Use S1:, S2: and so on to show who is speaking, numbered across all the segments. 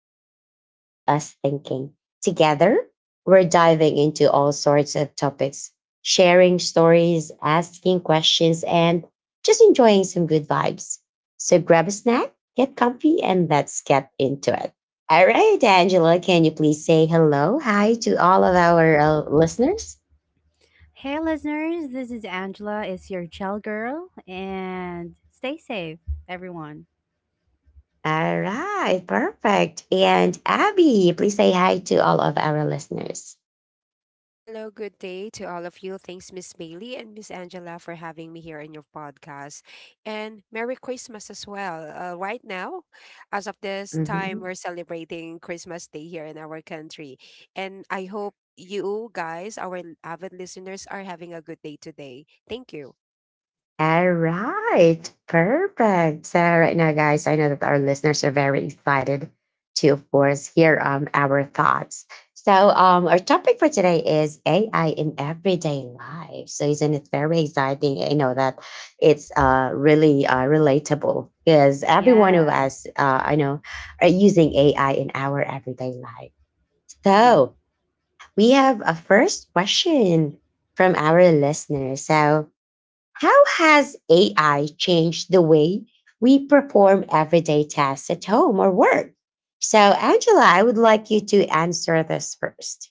S1: insights keep us thinking. Together, we're diving into all sorts of topics, sharing stories, asking questions, and just enjoying some good vibes. So grab a snack, get comfy, and let's get into it. All right, Angela, can you please say hello, hi to all of our listeners?
S2: Hey, listeners, this is Angela. It's your chill girl, and stay safe, everyone.
S1: All right, perfect. And Abby, please say hi to all of our listeners.
S3: Hello, good day to all of you. Thanks, Miss Bailey and Miss Angela, for having me here in your podcast. And Merry Christmas as well. Right now, as of this time,
S1: Mhm.
S3: we're celebrating Christmas Day here in our country. And I hope you guys, our avid listeners, are having a good day today. Thank you.
S1: All right, perfect. So right now, guys, I know that our listeners are very excited to, of course, hear our thoughts. So our topic for today is AI in everyday life. So isn't it very exciting? I know that it's really relatable because every one of
S2: Yeah.
S1: us, I know, are using AI in our everyday life.
S2: hmm
S1: So we have a first question from our listeners. So how has AI changed the way we perform everyday tasks at home or work? So, Angela, I would like you to answer this first.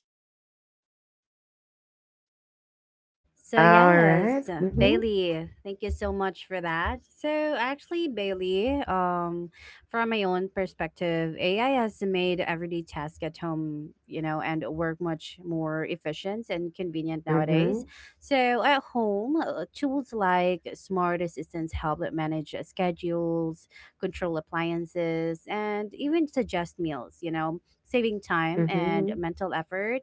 S2: So
S1: Alright.
S2: yes,
S1: Mm-hmm.
S2: Bailey, thank you so much for that. So actually, Bailey, from my own perspective, AI has made everyday task at home, you know, and work much more efficient and convenient
S1: Mm-hmm.
S2: nowadays. So at home, tools like smart assistants help that manage schedules, control appliances, and even suggest meals, you know, saving time and
S1: Mm-hmm.
S2: mental effort.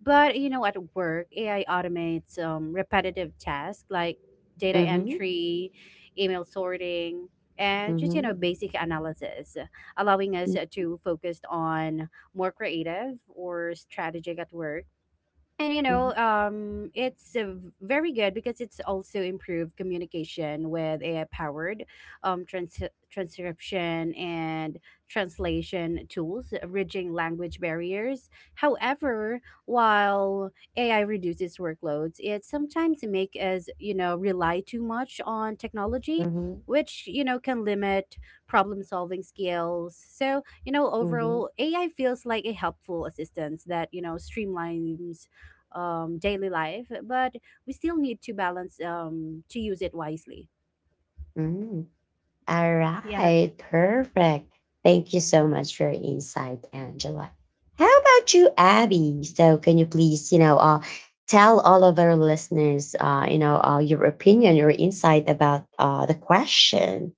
S2: But you know, at work, AI automates repetitive tasks like data
S1: Mm-hmm.
S2: entry, email sorting, and just, you know, basic analysis, allowing us
S1: Mm-hmm.
S2: to focus on more creative or strategic at work. And you
S1: Mm-hmm.
S2: know, very good because it's also improved communication with AI-powered um, trans- transcription and translation tools, bridging language barriers. However, while AI reduces workloads, it sometimes make us, you know, rely too much on technology, which, you know, can limit problem-solving skills. So you know,
S1: Mm-hmm.
S2: overall, AI feels like a helpful assistance that you know streamlines daily life, but we still need to balance to use it wisely.
S1: Mm-hmm.
S2: Mm.
S1: All
S2: Yeah.
S1: right, perfect. Thank you so much for your insight, Angela. How about you, Abby? So, can you please, you know, tell all of our listeners, you know, your opinion, your insight about the question?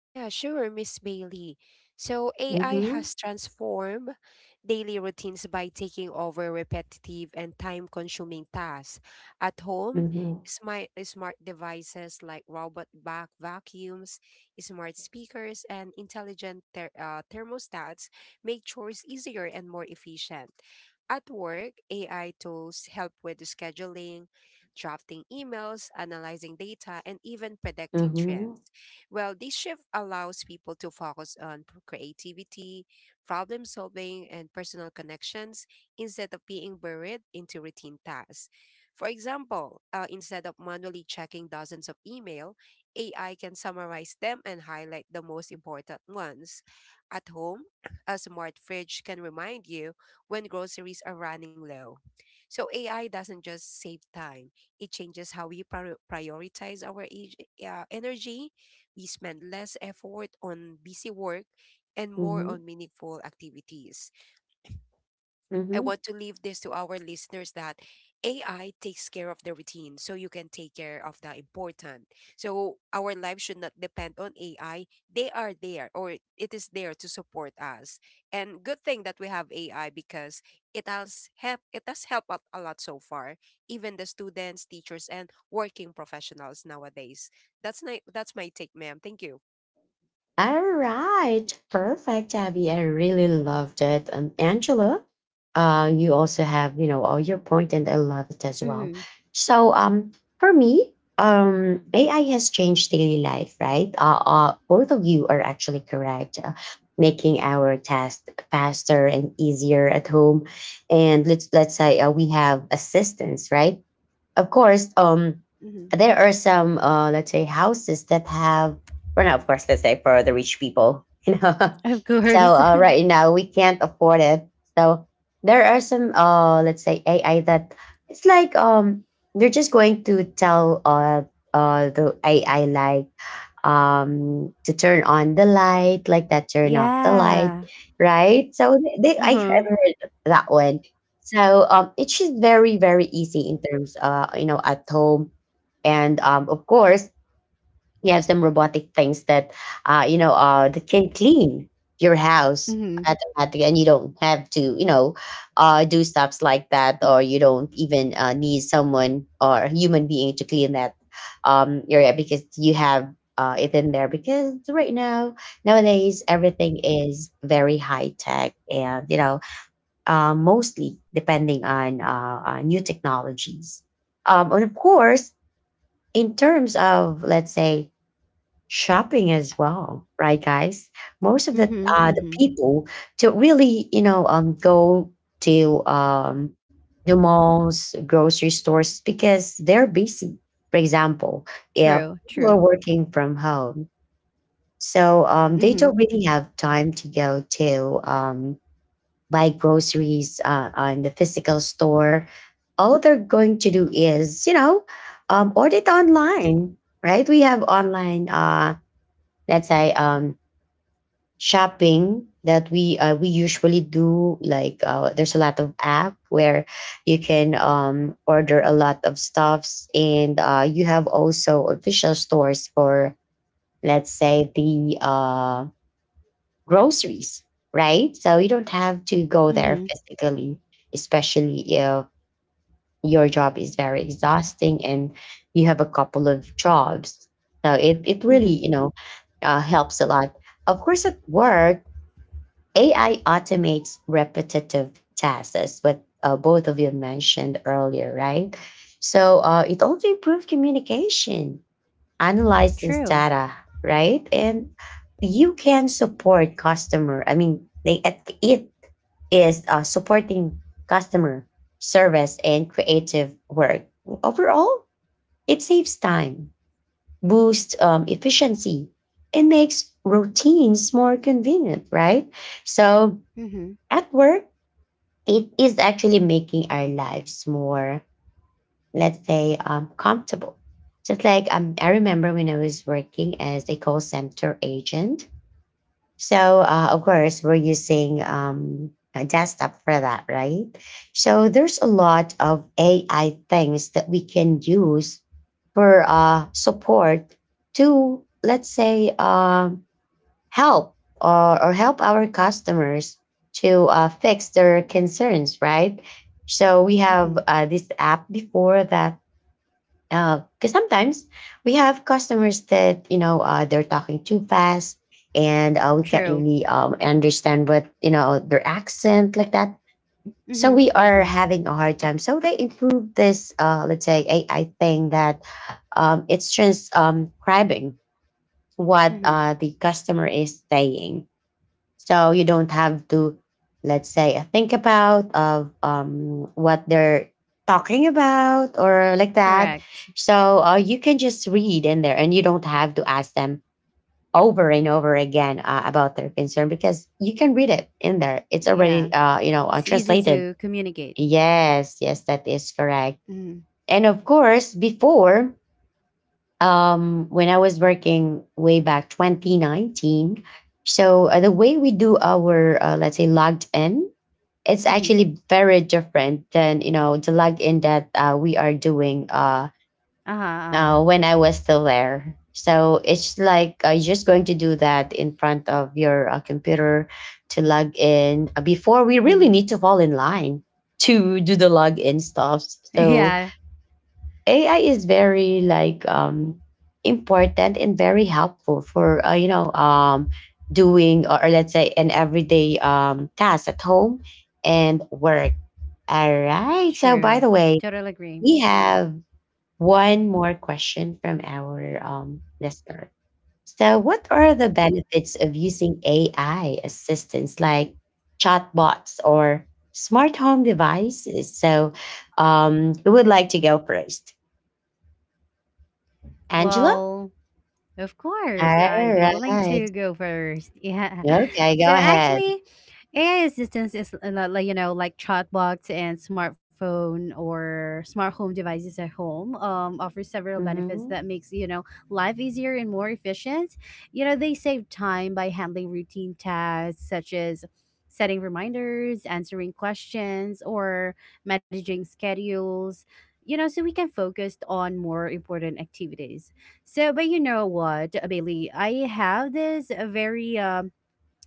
S3: Oh, yeah, sure, Miss Bailey. So AI
S1: Mm-hmm,
S3: has transformed daily routines by taking over repetitive and time-consuming tasks. At home,
S1: mm-hmm,
S3: smart devices like robot vacuums, smart speakers, and intelligent thermostats make chores easier and more efficient. At work, AI tools help with scheduling, drafting emails, analyzing data, and even predicting
S1: mm-hmm,
S3: trends. Well, this shift allows people to focus on creativity, problem solving, and personal connections instead of being buried into routine tasks. For example, instead of manually checking dozens of email, AI can summarize them and highlight the most important ones. At home, a smart fridge can remind you when groceries are running low. So AI doesn't just save time, it changes how we prioritize our age, energy we spend less effort on busy work and more
S1: mm-hmm,
S3: on meaningful activities. I
S1: mm-hmm.
S3: want to leave this to our listeners that AI takes care of the routine so you can take care of the important. So our life should not depend on AI. They are there or it is there to support us. And good thing that we have AI because it has helped out a lot so far. Even the students, teachers and working professionals nowadays. That's my take, ma'am. Thank you.
S1: All right, perfect, Abby. I really loved it. And Angela, you also have you know all your point, and I love it as well.
S2: Mm-hmm.
S1: So, for me, AI has changed daily life, right? Both of you are actually correct, making our tasks faster and easier at home. And let's say we have assistants, right? Of course,
S2: Mm-hmm.
S1: there are some, let's say, houses that have, well, now, of course, let's say for the rich people, you know.
S2: Of
S1: So
S2: course.
S1: right now we can't afford it. So there are some, let's say, AI that it's like they're just going to tell the AI like to turn on the light like that, turn off the light,
S2: Yeah.
S1: right? So they I have
S2: Mm-hmm.
S1: heard that one. So it's just very, very easy in terms you know at home. And of course, yes, them robotic things that you know that can clean your house
S2: Mm-hmm.
S1: automatically, and you don't have to you know do stuffs like that, or you don't even need someone or a human being to clean that area because you have it in there. Because right now nowadays everything is very high tech, and you know mostly depending on new technologies, and of course in terms of, let's say, shopping as well, right, guys? Most of
S2: Mm-hmm.
S1: the
S2: Mm-hmm.
S1: the people to really, you know, go to the malls, grocery stores because they're busy. For example,
S2: True.
S1: if
S2: True.
S1: people are working from home, so
S2: Mm-hmm.
S1: they don't really have time to go to buy groceries on the physical store. All they're going to do is, you know, order it online, right? We have online let's say shopping that we usually do, like there's a lot of app where you can order a lot of stuffs, and you have also official stores for, let's say, the groceries, right? So you don't have to go
S2: Mm-hmm.
S1: there physically, especially if your job is very exhausting and you have a couple of jobs. So it
S2: Mm-hmm.
S1: really, you know, helps a lot. Of course, at work AI automates repetitive tasks, as what both of you mentioned earlier, right? So it also improves communication, analyzes
S2: True.
S1: data, right? And you can support customer. I mean, they it it is supporting customer service and creative work. Overall, it saves time, boosts efficiency, and makes routines more convenient, right? So
S2: Mm-hmm.
S1: at work, it is actually making our lives more, let's say, comfortable. Just like I remember when I was working as a call center agent. So, of course, we're using a desktop for that, right? So, there's a lot of AI things that we can use for support to, let's say, help or help our customers to fix their concerns, right? So we
S2: Mm-hmm.
S1: have this app before that because sometimes we have customers that you know they're talking too fast, and we can't
S2: True.
S1: really understand what you know their accent like that.
S2: Mm-hmm.
S1: So we
S2: Mm-hmm.
S1: are having a hard time. So they improved this, let's say, AI thing that it's transcribing what
S2: Mm-hmm.
S1: the customer is saying, so you don't have to, let's say, think about of what they're talking about or like that.
S2: Correct.
S1: So you can just read in there and you don't have to ask them over and over again about their concern because you can read it in there. It's already
S2: Yeah.
S1: you know
S2: It's easy
S1: translated.
S2: to communicate.
S1: Yes, yes, that is correct.
S2: Mm-hmm.
S1: And of course before, when I was working way back 2019. So the way we do our, let's say, logged in, it's
S2: Mm-hmm.
S1: actually very different than you know the login that we are doing
S2: Uh-huh. Uh-huh.
S1: now when I was still there. So it's like you're just going to do that in front of your computer to log in. Before we really
S2: Mm-hmm.
S1: need to fall in line to do the login stuff. So
S2: Yeah.
S1: AI is very like important and very helpful for you know doing or let's say an everyday task at home and work. All right. So by
S2: True.
S1: the way,
S2: Totally agree.
S1: we have one more question from our listener. So, what are the benefits of using AI assistants like chatbots or smart home devices? So, who would like to go first? Angela?
S2: Well, of course, I'd be willing
S1: Alright.
S2: to go first. Yeah.
S1: Okay,
S2: So
S1: go ahead.
S2: actually, AI assistance is a lot like, you know, like chatbots and smartphone or smart home devices at home offers several benefits
S1: Mhm,
S2: that makes, you know, life easier and more efficient. You know, they save time by handling routine tasks such as setting reminders, answering questions, or managing schedules. You know, so we can focus on more important activities. So, but you know what, Bailey, I have this uh, very um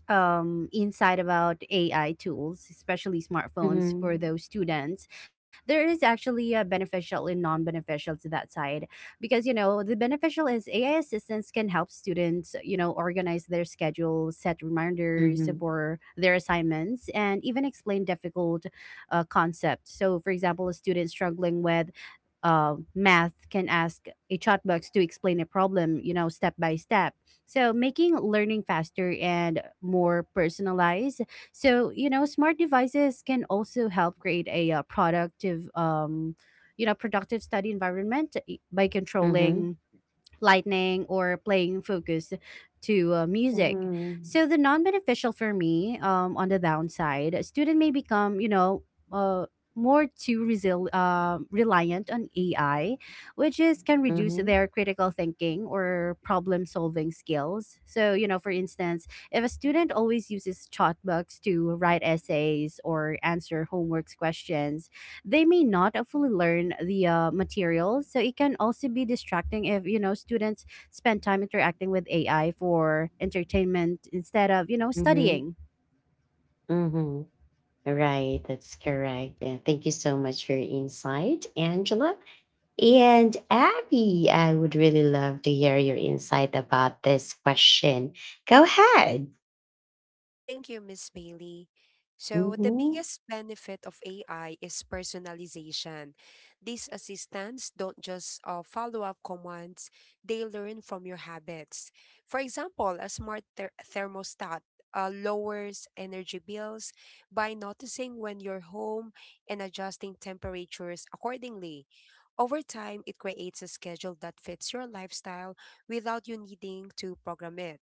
S2: um, insight about AI tools, especially smartphones for
S1: mhm,
S2: those students. There is actually a beneficial and non-beneficial to that side, because you know the beneficial is AI assistance can help students, you know, organize their schedule, set reminders
S1: mhm,
S2: for their assignments, and even explain difficult concepts. So, for example, a student struggling with math can ask a chatbot to explain a problem, you know, step by step, so, making learning faster and more personalized. So, you know, smart devices can also help create a productive study environment by
S1: mhm,
S2: controlling lightning or playing focus to music.
S1: mhm,
S2: So the non-beneficial for me, on the downside, a student may become, you know, uh, reliant on AI, which is can reduce
S1: mhm,
S2: their critical thinking or problem solving skills. So you know, for instance, if a student always uses chatbots to write essays or answer homework questions, they may not fully learn the material. So it can also be distracting if, you know, students spend time interacting with AI for entertainment instead of, you know,
S1: mhm,
S2: studying.
S1: mhm. Right, that's correct. Yeah, thank you so much for your insight, Angela. And Abby, I would really love to hear your insight about this question. Go ahead.
S3: Thank you, Miss Bailey. So, the
S1: Mhm,
S3: biggest benefit of AI is personalization. These assistants don't just follow up commands, they learn from your habits. For example, a smart thermostat lowers energy bills by noticing when you're home and adjusting temperatures accordingly. Over time, it creates a schedule that fits your lifestyle without you needing to program it.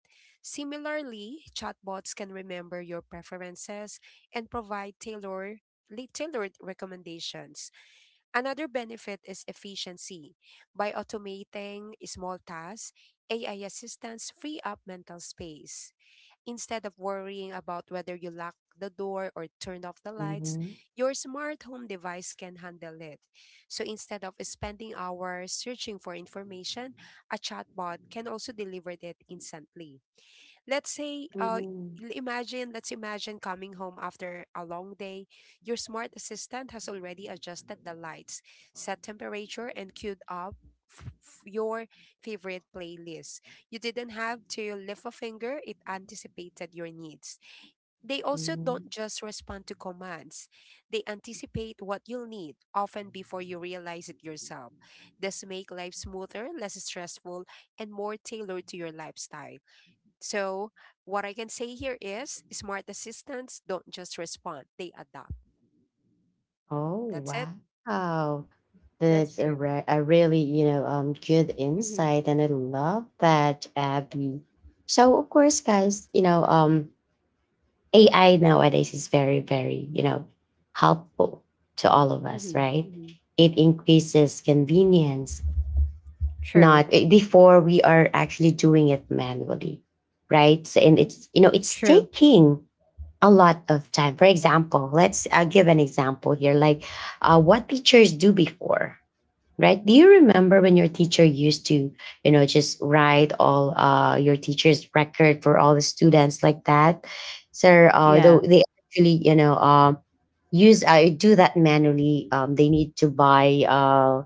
S3: Similarly, chatbots can remember your preferences and provide tailored recommendations. Another benefit is efficiency. By automating small tasks, AI assistants free up mental space. Instead of worrying about whether you lock the door or turn off the lights,
S1: mhm,
S3: your smart home device can handle it. So instead of spending hours searching for information, a chatbot can also deliver it instantly, let's say uh
S1: mhm,
S3: let's imagine coming home after a long day. Your smart assistant has already adjusted the lights, set temperature, and queued up your favorite playlist. You didn't have to lift a finger, it anticipated your needs. They also don't
S1: mhm.
S3: just respond to commands, they anticipate what you'll need often before you realize it yourself. This make life smoother, less stressful, and more tailored to your lifestyle. So, what I can say here is smart assistants don't just respond, they adapt.
S1: Oh
S3: That's it.
S1: wow!
S2: That's
S1: That's a,
S2: true.
S1: re- a really, you know, good
S2: Mm-hmm.
S1: insight, and I love that, Abby. So, of course, guys, you know, AI nowadays is very, very, you know, helpful to all of
S2: Mm-hmm.
S1: us, right?
S2: Mm-hmm.
S1: It increases convenience.
S2: True.
S1: Not eh, before we are actually doing it manually, right? So, and it's you know, it's
S2: True.
S1: taking a lot of time. For example, let's I give an example here, like what teachers do before, right? Do you remember when your teacher used to, you know, just write all your teacher's record for all the students like that? So,
S2: Yeah.
S1: though they actually, you know, use I do that manually. They need to buy,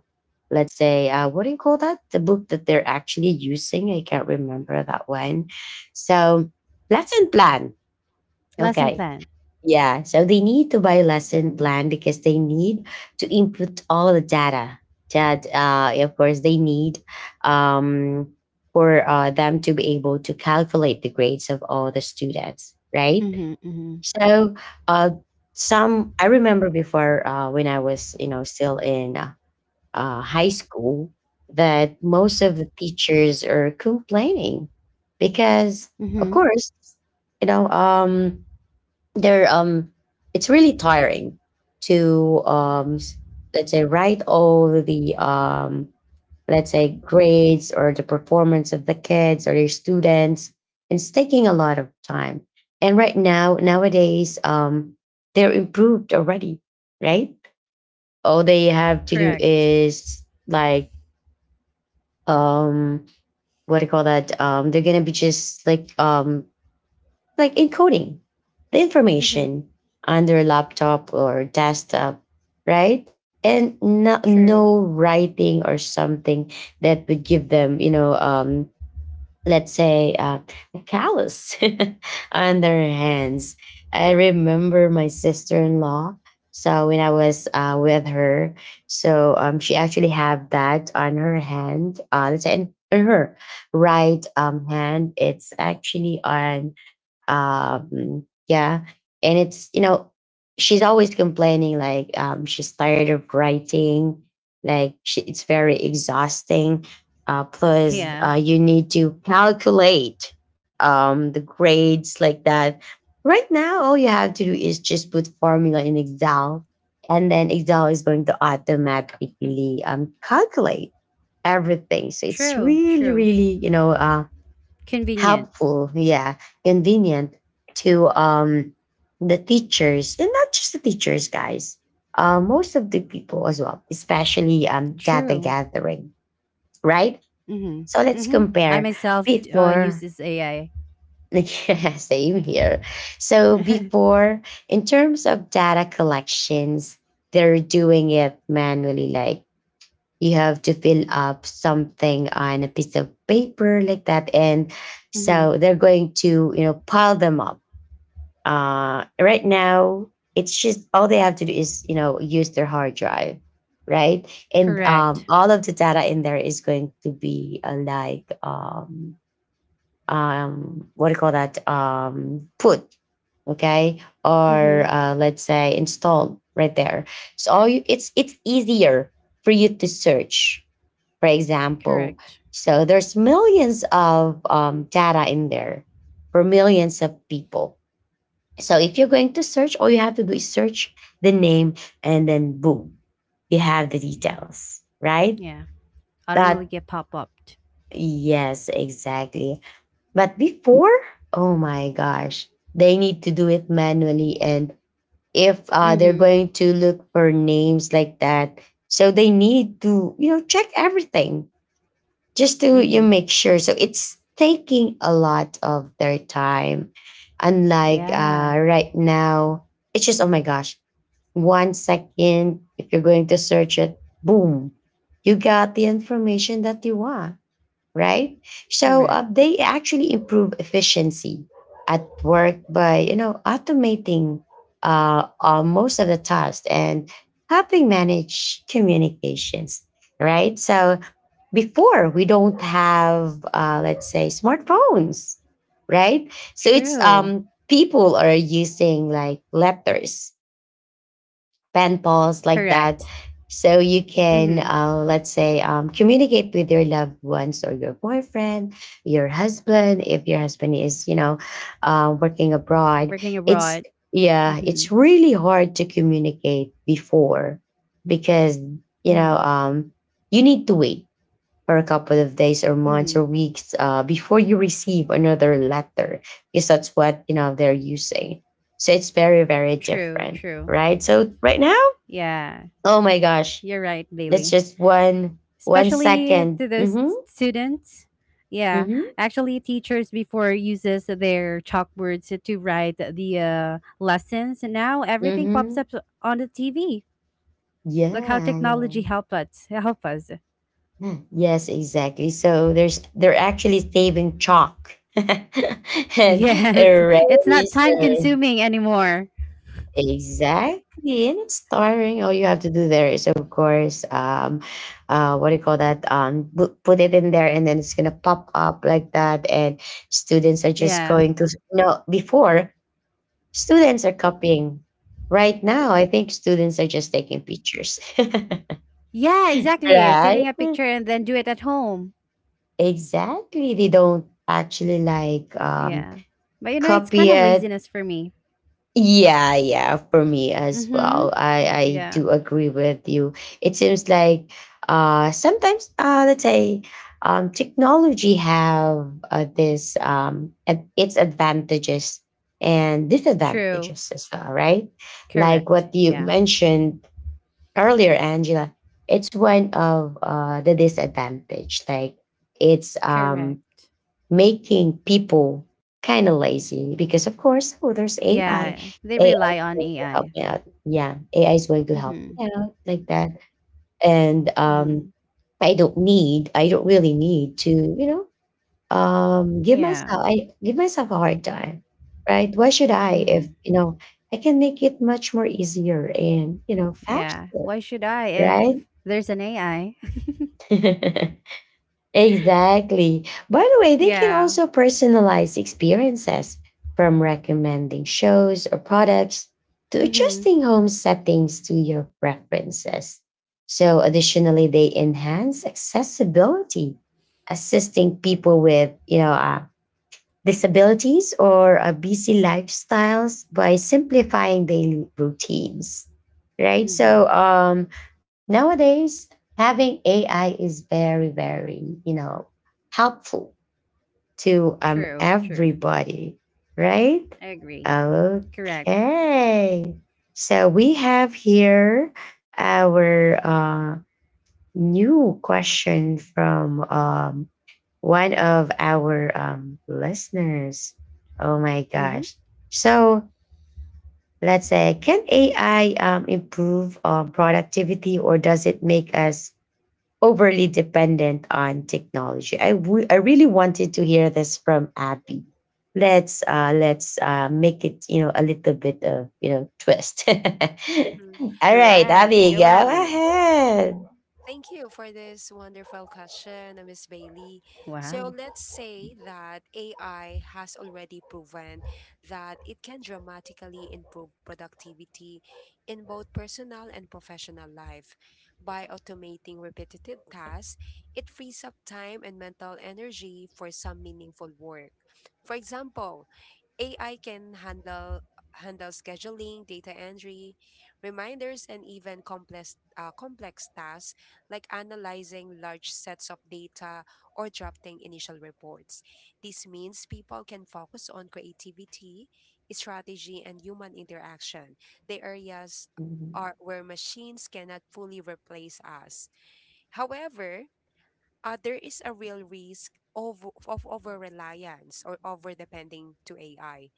S1: let's say, what do you call that? The book that they're actually using. I can't remember that one. So, lesson plan.
S2: Lesson
S1: Okay,
S2: plan.
S1: yeah, so they need to buy a lesson plan because they need to input all the data that, of course, they need um, for them to be able to calculate the grades of all the students, right?
S2: Mm-hmm. Mm-hmm.
S1: So, uh, some I remember before when I was, you know, still in high school, that most of the teachers are complaining because, of
S2: Mm-hmm.
S1: course, you know, they're it's really tiring to let's say write all the let's say grades or the performance of the kids or their students. It's taking a lot of time. And right now nowadays they're improved already, right? All they have to do
S2: Correct.
S1: is, like, um what do you call that? They're gonna be just like encoding the
S2: Mm-hmm.
S1: information on their laptop or desktop, right? And no,
S2: True.
S1: writing or something that would give them, you know, let's say a callus on their hands. I remember my sister-in-law. So when I was with her, so she actually have that on her hand. Let's say in her right hand, it's actually on yeah. And it's, you know, she's always complaining like she's tired of writing, like she, it's very exhausting. Plus,
S2: Yeah.
S1: you need to calculate the grades like that. Right now, all you have to do is just put formula in Excel, and then Excel is going to automatically calculate everything. So it's
S2: True.
S1: really,
S2: True.
S1: really, you know,
S2: Convenient.
S1: helpful, yeah, convenient to the teachers, and not just the teachers, guys. Most of the people as well, especially data
S2: True.
S1: gathering, right? So
S2: Mm-hmm.
S1: let's
S2: Mm-hmm. i
S1: compare
S2: myself d- uh, use
S1: before.
S2: this AI.
S1: Yeah, same here. So
S2: Mm-hmm.
S1: before, in terms of data collections, they're doing it manually, like you have to fill up something on a piece of paper like that, and so they're going to pile them up. Right now, it's just all they have to do is use their hard drive, right? And
S2: Correct.
S1: all of the data in there is going to be what do you call that, put okay or
S2: Mhm.
S1: let's say installed right there. So all you, it's easier for you to search, for example.
S2: Correct.
S1: So there's millions of data in there for millions of people. So if you're going to search, all you have to do is search the name, and then boom, you have the details, right?
S2: Yeah.
S1: That,
S2: Automatically get pop upped.
S1: yes, exactly. But before, oh my gosh, they need to do it manually. And if they're going
S2: Mhm.
S1: to look for names like that, so they need to, you know, check everything just to
S2: Mhm.
S1: you make sure. So it's taking a lot of their time. Unlike
S2: Yeah.
S1: right now, it's just oh my gosh, one second. If you're going to search it, boom, you got the information that you want, right? So
S2: Correct.
S1: they actually improve efficiency at work by you know automating most of the tasks and helping manage communications, right? So before we don't have let's say smartphones, right? So it's
S2: True.
S1: people are using like letters, pen pals like that,
S2: Correct.
S1: so you
S2: Mhm.
S1: can let's say communicate with your loved ones or your boyfriend, your husband, if your husband is you know working abroad.
S2: Working
S1: It's
S2: abroad.
S1: yeah, it's
S2: Mhm.
S1: really hard to communicate before, because you know
S2: Mhm.
S1: you need to wait for a couple of days or months
S2: Mhm.
S1: or weeks before you receive another letter, because that's what you know they're using. So it's very, very
S2: True.
S1: different,
S2: True.
S1: right? So right now,
S2: Yeah.
S1: oh my gosh,
S2: You're right,
S1: that's
S2: Bailey.
S1: just one
S2: Especially
S1: second.
S2: to those
S1: Mm-hmm,
S2: students. Yeah.
S1: mm-hmm,
S2: Actually, teachers before uses their chalkboards to write the lessons. Now everything pops
S1: mm-hmm,
S2: up on the TV. Look how
S1: yeah, yeah.
S2: technology help us. Help us.
S1: Hmm. Yes, exactly. So there's they're actually saving chalk and
S2: Yes, it's not time
S1: eraser.
S2: consuming anymore.
S1: Exactly, and it's tiring. All you have to do there is, of course, what do you call that? Put it in there, and then it's gonna pop up like that. And students are just
S2: Yeah.
S1: going to no. Before, students are copying. Right now, I think students are just taking pictures.
S2: Yeah, exactly.
S1: Right?
S2: Taking a picture and then do it at home.
S1: Exactly. They don't actually like
S2: Yeah. But you know, it's
S1: copy
S2: kind of
S1: it.
S2: laziness for me.
S1: Yeah, yeah, for me as well.
S2: Mhm.
S1: I
S2: Yeah.
S1: do agree with you. It seems like sometimes let's say technology have its advantages and
S2: True.
S1: disadvantages as well, right? Like
S2: Correct.
S1: what you
S2: Yeah.
S1: mentioned earlier, Angela. It's one of the disadvantage. Like it's
S2: Correct.
S1: making people kind of lazy because of course oh there's AI.
S2: Yeah, they
S1: AI
S2: rely
S1: is
S2: on
S1: going to help
S2: AI.
S1: me out. Yeah, AI is going to help
S2: Mhm.
S1: me out like that. And
S2: Mhm.
S1: I don't need I don't really need to, you know, give
S2: Yeah.
S1: myself I give myself a hard time. Right? Why should I if
S2: Mhm.
S1: you know I can make it much more easier and you know
S2: Yeah.
S1: faster,
S2: Why should I if
S1: right?
S2: there's an AI?
S1: Exactly. By the way, they can
S2: Yeah.
S1: also personalize experiences from recommending shows or products to
S2: Mhm.
S1: adjusting home settings to your preferences. So, additionally, they enhance accessibility, assisting people with, you know, disabilities or busy lifestyles by simplifying daily routines. Right.
S2: Mhm.
S1: Nowadays, having AI is very, very, you know, helpful to
S2: True, true.
S1: everybody, right?
S2: I agree.
S1: Okay.
S2: Correct.
S1: So we have here our new question from one of our listeners. Oh my
S2: Mhm.
S1: gosh. So let's say, can AI improve productivity, or does it make us overly dependent on technology? I really wanted to hear this from Abby. Let's make it you know a little bit of you know twist. All
S3: Mhm.
S1: right,
S3: Yeah.
S2: Correct.
S1: Abby, go
S2: Go, Abby.
S1: ahead.
S3: Thank you for this wonderful question, Ms. Bailey. So,
S2: Wow.
S3: let's say that AI has already proven that it can dramatically improve productivity in both personal and professional life. By automating repetitive tasks, it frees up time and mental energy for some meaningful work. For example, AI can handle scheduling, data entry, reminders, and even complex tasks like analyzing large sets of data or drafting initial reports. This means people can focus on creativity, strategy, and human interaction, the areas
S1: Mhm,
S3: are where machines cannot fully replace us. However, there is a real risk of over reliance or over depending to AI.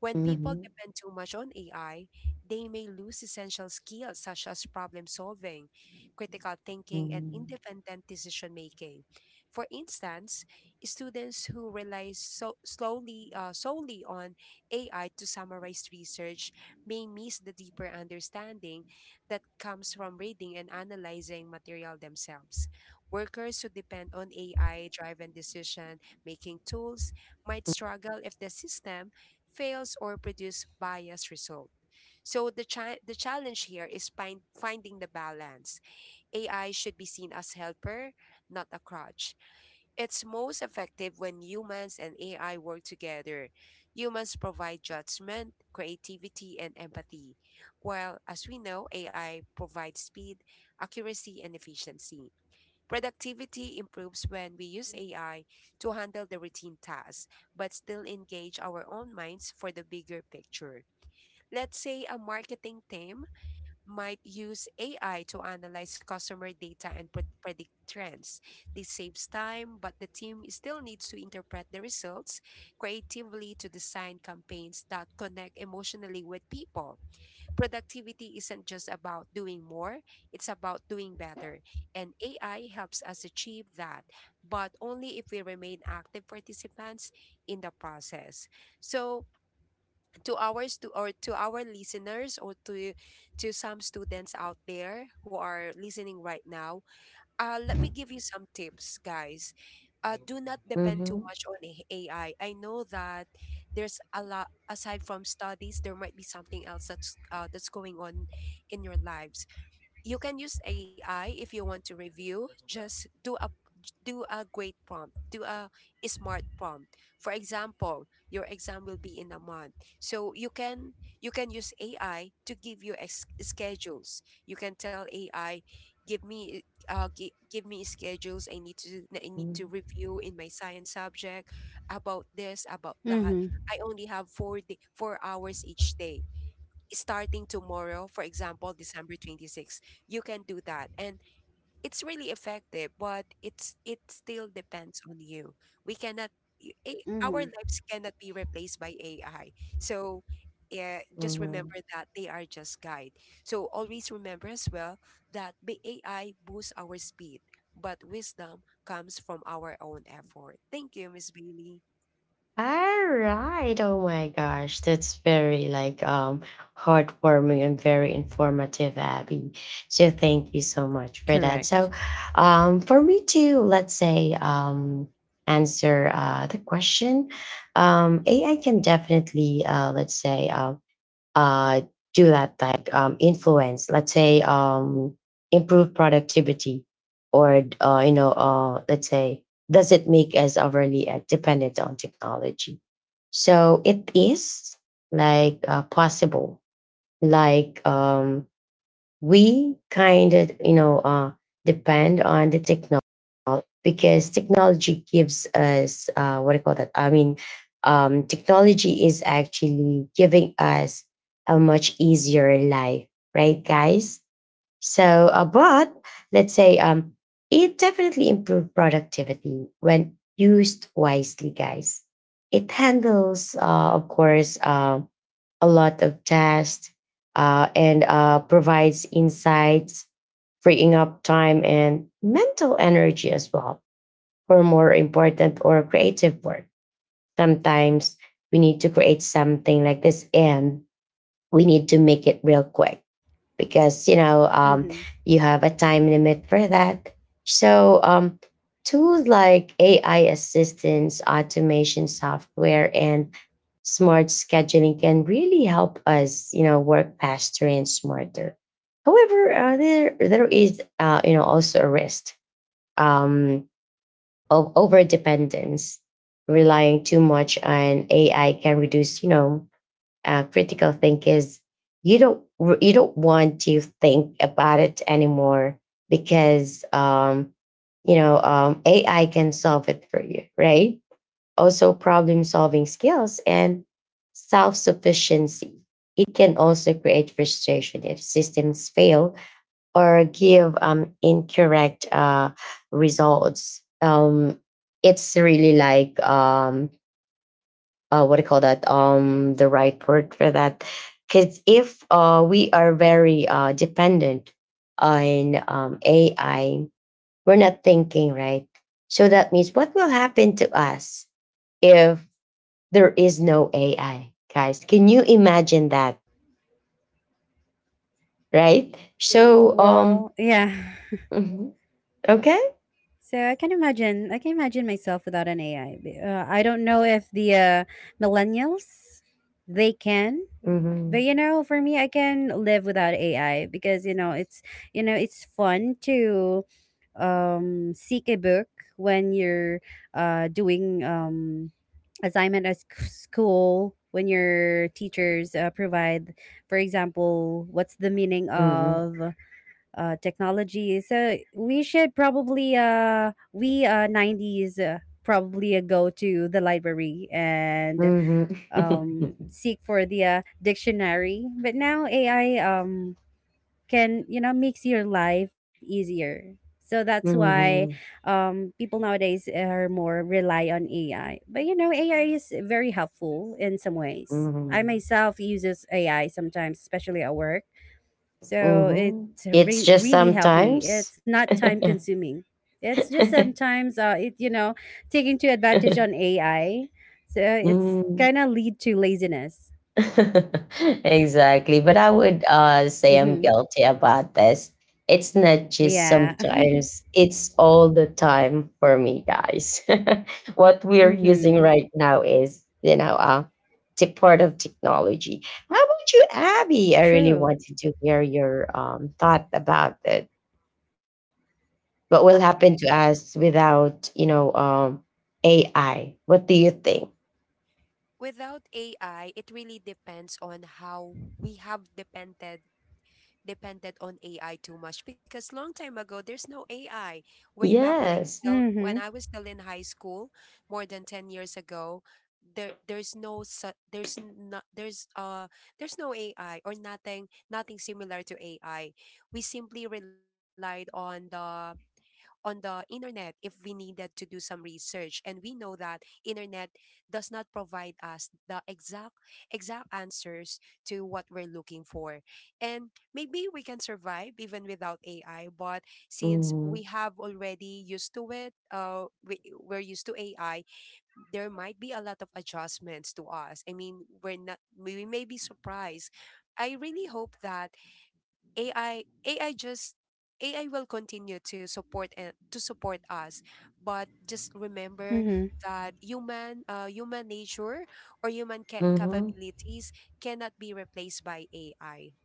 S3: When people
S1: mhm,
S3: depend too much on AI, they may lose essential skills such as problem solving, critical thinking, and
S1: mhm,
S3: independent decision making. For instance, students who rely so slowly solely on AI to summarize research may miss the deeper understanding that comes from reading and analyzing material themselves. Workers who depend on AI driven decision making tools might struggle if the system fails or produce biased result. So the challenge here is finding the balance. AI should be seen as helper, not a crutch. It's most effective when humans and AI work together. Humans provide judgment, creativity, and empathy, while as we know, AI provides speed, accuracy, and efficiency. Productivity improves when we use AI to handle the routine tasks, but still engage our own minds for the bigger picture. Let's say a marketing team might use AI to analyze customer data and predict trends. This saves time, but the team still needs to interpret the results creatively to design campaigns that connect emotionally with people. Productivity isn't just about doing more, it's about doing better. And AI helps us achieve that, but only if we remain active participants in the process. So, to our listeners or to some students out there who are listening right now, let me give you some tips, guys. Do not depend too
S1: mhm,
S3: much on AI. I know that there's a lot aside from studies, there might be something else that's that's going on in your lives. You can use AI if you want to review. Just do a great prompt. Do a smart prompt. For example, your exam will be in a month. So you can use AI to give you schedules. You can tell AI, give me give me schedules I need to
S1: mhm,
S3: review in my science subject about this, about that.
S2: Mm-hmm.
S3: I only have 4 day, 4 hours each day starting tomorrow, for example, December 26. You can do that. And it's really effective, but it still depends on you. We cannot our
S2: Mm-hmm.
S3: lives cannot be replaced by AI. So yeah, just
S1: mhm.
S3: remember that they are just guide. So always remember as well that the AI boosts our speed, but wisdom comes from our own effort. Thank you, Miss Bailey.
S1: All right. Oh my gosh, that's very like heartwarming and very informative, Abby. So thank you so much for that.
S2: Correct.
S1: So, for me to let's say answer the question, AI can definitely let's say uh do that like influence. Let's say improve productivity, or you know let's say does it make us overly dependent on technology? So it is like possible. Like we kind of you know depend on the technology because technology gives us what do you call that? I mean, technology is actually giving us a much easier life, right, guys? So, but let's say it definitely improved productivity when used wisely, guys. It handles, of course, a lot of tasks and provides insights, freeing up time and mental energy as well for more important or creative work. Sometimes we need to create something like this and we need to make it real quick because you know
S2: Mm-hmm.
S1: you have a time limit for that. So um, tools like AI assistance, automation software, and smart scheduling can really help us, you know, work faster and smarter. However, there is you know also a risk um, of over dependence. Relying too much on AI can reduce, you know, critical think is you don't you don't want to think about it anymore because you know AI can solve it for you, right? Also, problem solving skills and self sufficiency. It can also create frustration if systems fail or give incorrect results. It's really like what do you call that? The right word for that. Because if we are very dependent on AI, we're not thinking, right? So that means what will happen to us if there is no AI, guys? Can you imagine that, right?
S3: Agree with
S1: So,
S3: you.
S2: Well, yeah.
S1: mhm. Okay.
S2: So I can imagine. I can imagine myself without an AI. I don't know if the millennials they can, but
S1: Mhm.
S2: you know, for me, I can live without AI, because you know it's, you know, it's fun to seek a book when you're doing assignment at school when your teachers provide, for example, what's the meaning
S1: Mhm.
S2: of technology. So we should probably we 90s probably go to the library and
S1: Mhm. Mhm.
S2: seek for the dictionary. But now AI can, you know, makes your life easier. So that's why
S1: Mhm.
S2: people nowadays are more rely on AI. But you know AI is very helpful in some ways. I myself uses AI sometimes, especially at work, so it
S1: Mhm. It's just
S2: really helped me.
S1: sometimes.
S2: It's not time consuming. It's just sometimes it, you know, taking to advantage on AI, so it's
S1: Mm.
S2: kind of lead to laziness.
S1: Exactly. But I would say I'm
S2: hmm
S1: guilty about this. It's not just
S2: yeah.
S1: sometimes, it's all the time for me, guys. What we're using
S2: hmm
S1: right now is, you know, part of technology. How about you, Abby? I really
S2: True.
S1: wanted to hear your thought about it. What will
S3: All
S1: happen
S3: right.
S1: to us without, you know, AI? What do you think?
S3: Without AI, it really depends on how we have depended on AI too much, because long time ago there's no AI. Way back when I
S1: Yes.
S3: still when
S2: hmm
S3: I was still in high school, more than 10 years ago, there there's no su- there's not there's uh there's no AI or nothing similar to AI. We simply relied on the internet if we needed to do some research, and we know that internet does not provide us the exact answers to what we're looking for. And maybe we can survive even without AI, but since we
S1: 嗯
S3: have already used to it, we're used to AI, there might be a lot of adjustments to us. I mean, we're not we may be surprised. I really hope that AI AI just AI will continue to support and to support us, but just remember
S2: Mhm.
S3: that human nature or human
S1: 嗯。
S3: capabilities cannot be replaced by AI.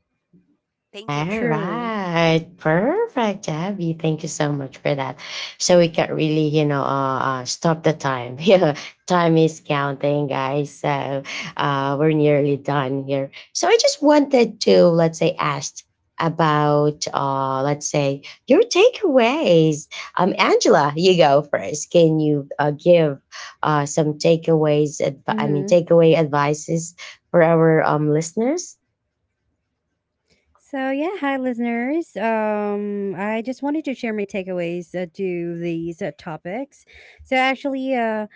S3: Thank you,
S1: All
S3: ma'am.
S2: True.
S1: right, perfect, Abby. Thank you so much for that. So we can really, you know, stop the time. Yeah, time is counting, guys. So we're nearly done here. So I just wanted to, let's say, ask about, let's say, your takeaways. Angela, you go first. Can you give some takeaways? I mean,
S2: Mhm.
S1: takeaway advices for our listeners.
S2: So yeah, hi listeners. I just wanted to share my takeaways to these topics. So actually,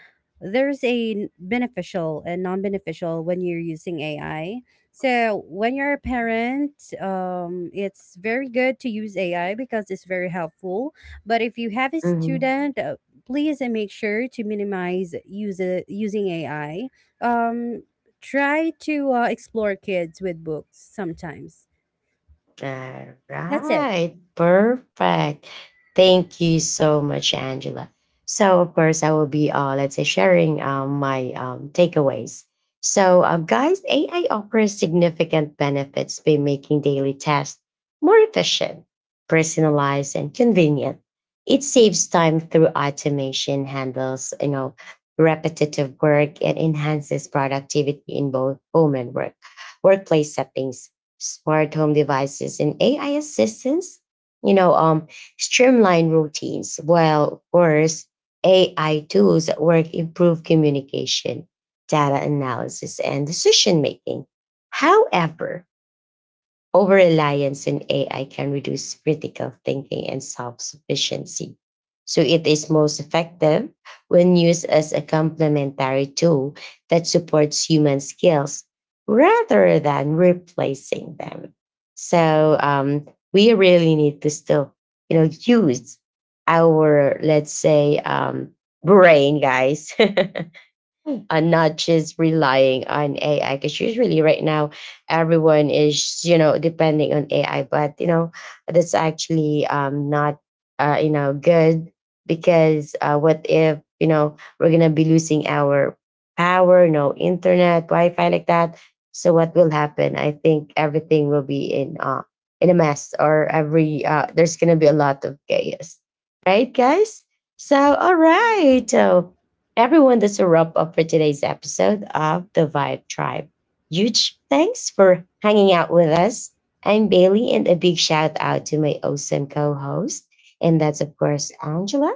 S2: there's a beneficial and non-beneficial when you're using AI. So when you're a parent, it's very good to use AI because it's very helpful. But if you have a
S1: Mm-hmm.
S2: student, please make sure to minimize use using AI. Um, try to explore kids with books sometimes.
S1: All
S2: That's it.
S1: right, perfect. Thank you so much, Angela. So, of course, I will be, let's say, sharing my takeaways. So, guys, AI offers significant benefits by making daily tasks more efficient, personalized, and convenient. It saves time through automation, handles, you know, repetitive work, and enhances productivity in both home and work workplace settings. Smart home devices and AI assistants, you know, streamline routines, while of course AI tools at work improve communication, data analysis, and decision making. However, over reliance in AI can reduce critical thinking and self sufficiency. So it is most effective when used as a complementary tool that supports human skills rather than replacing them. So we really need to still, you know, use our let's say brain, guys, and not just relying on AI. Because usually, right now, everyone is you know depending on AI, but you know that's actually not you know good because what if you know we're gonna be losing our power, no internet, Wi-Fi like that. So what will happen? I think everything will be in a mess, or every there's gonna be a lot of chaos, right, guys? So all
S2: hmm
S1: right, so everyone, that's a wrap up for today's episode of The Vibe Tribe. Huge thanks for hanging out with us. I'm Bailey, and a big shout out to my awesome co host, and that's, of course, Angela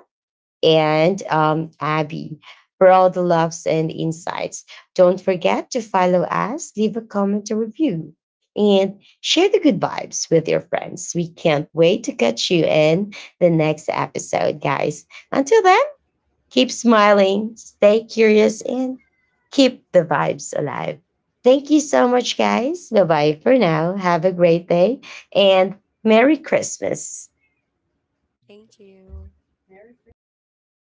S1: and Abby for all the loves and insights. Don't forget to follow us, leave a comment or review, and share the good vibes with your friends. We can't wait to catch you in the next episode, guys. Until then, keep smiling, stay curious, and keep the vibes alive. Thank you so much, guys. Bye bye for now. Have a great day and Merry Christmas.
S3: Thank you.
S2: Merry Christmas.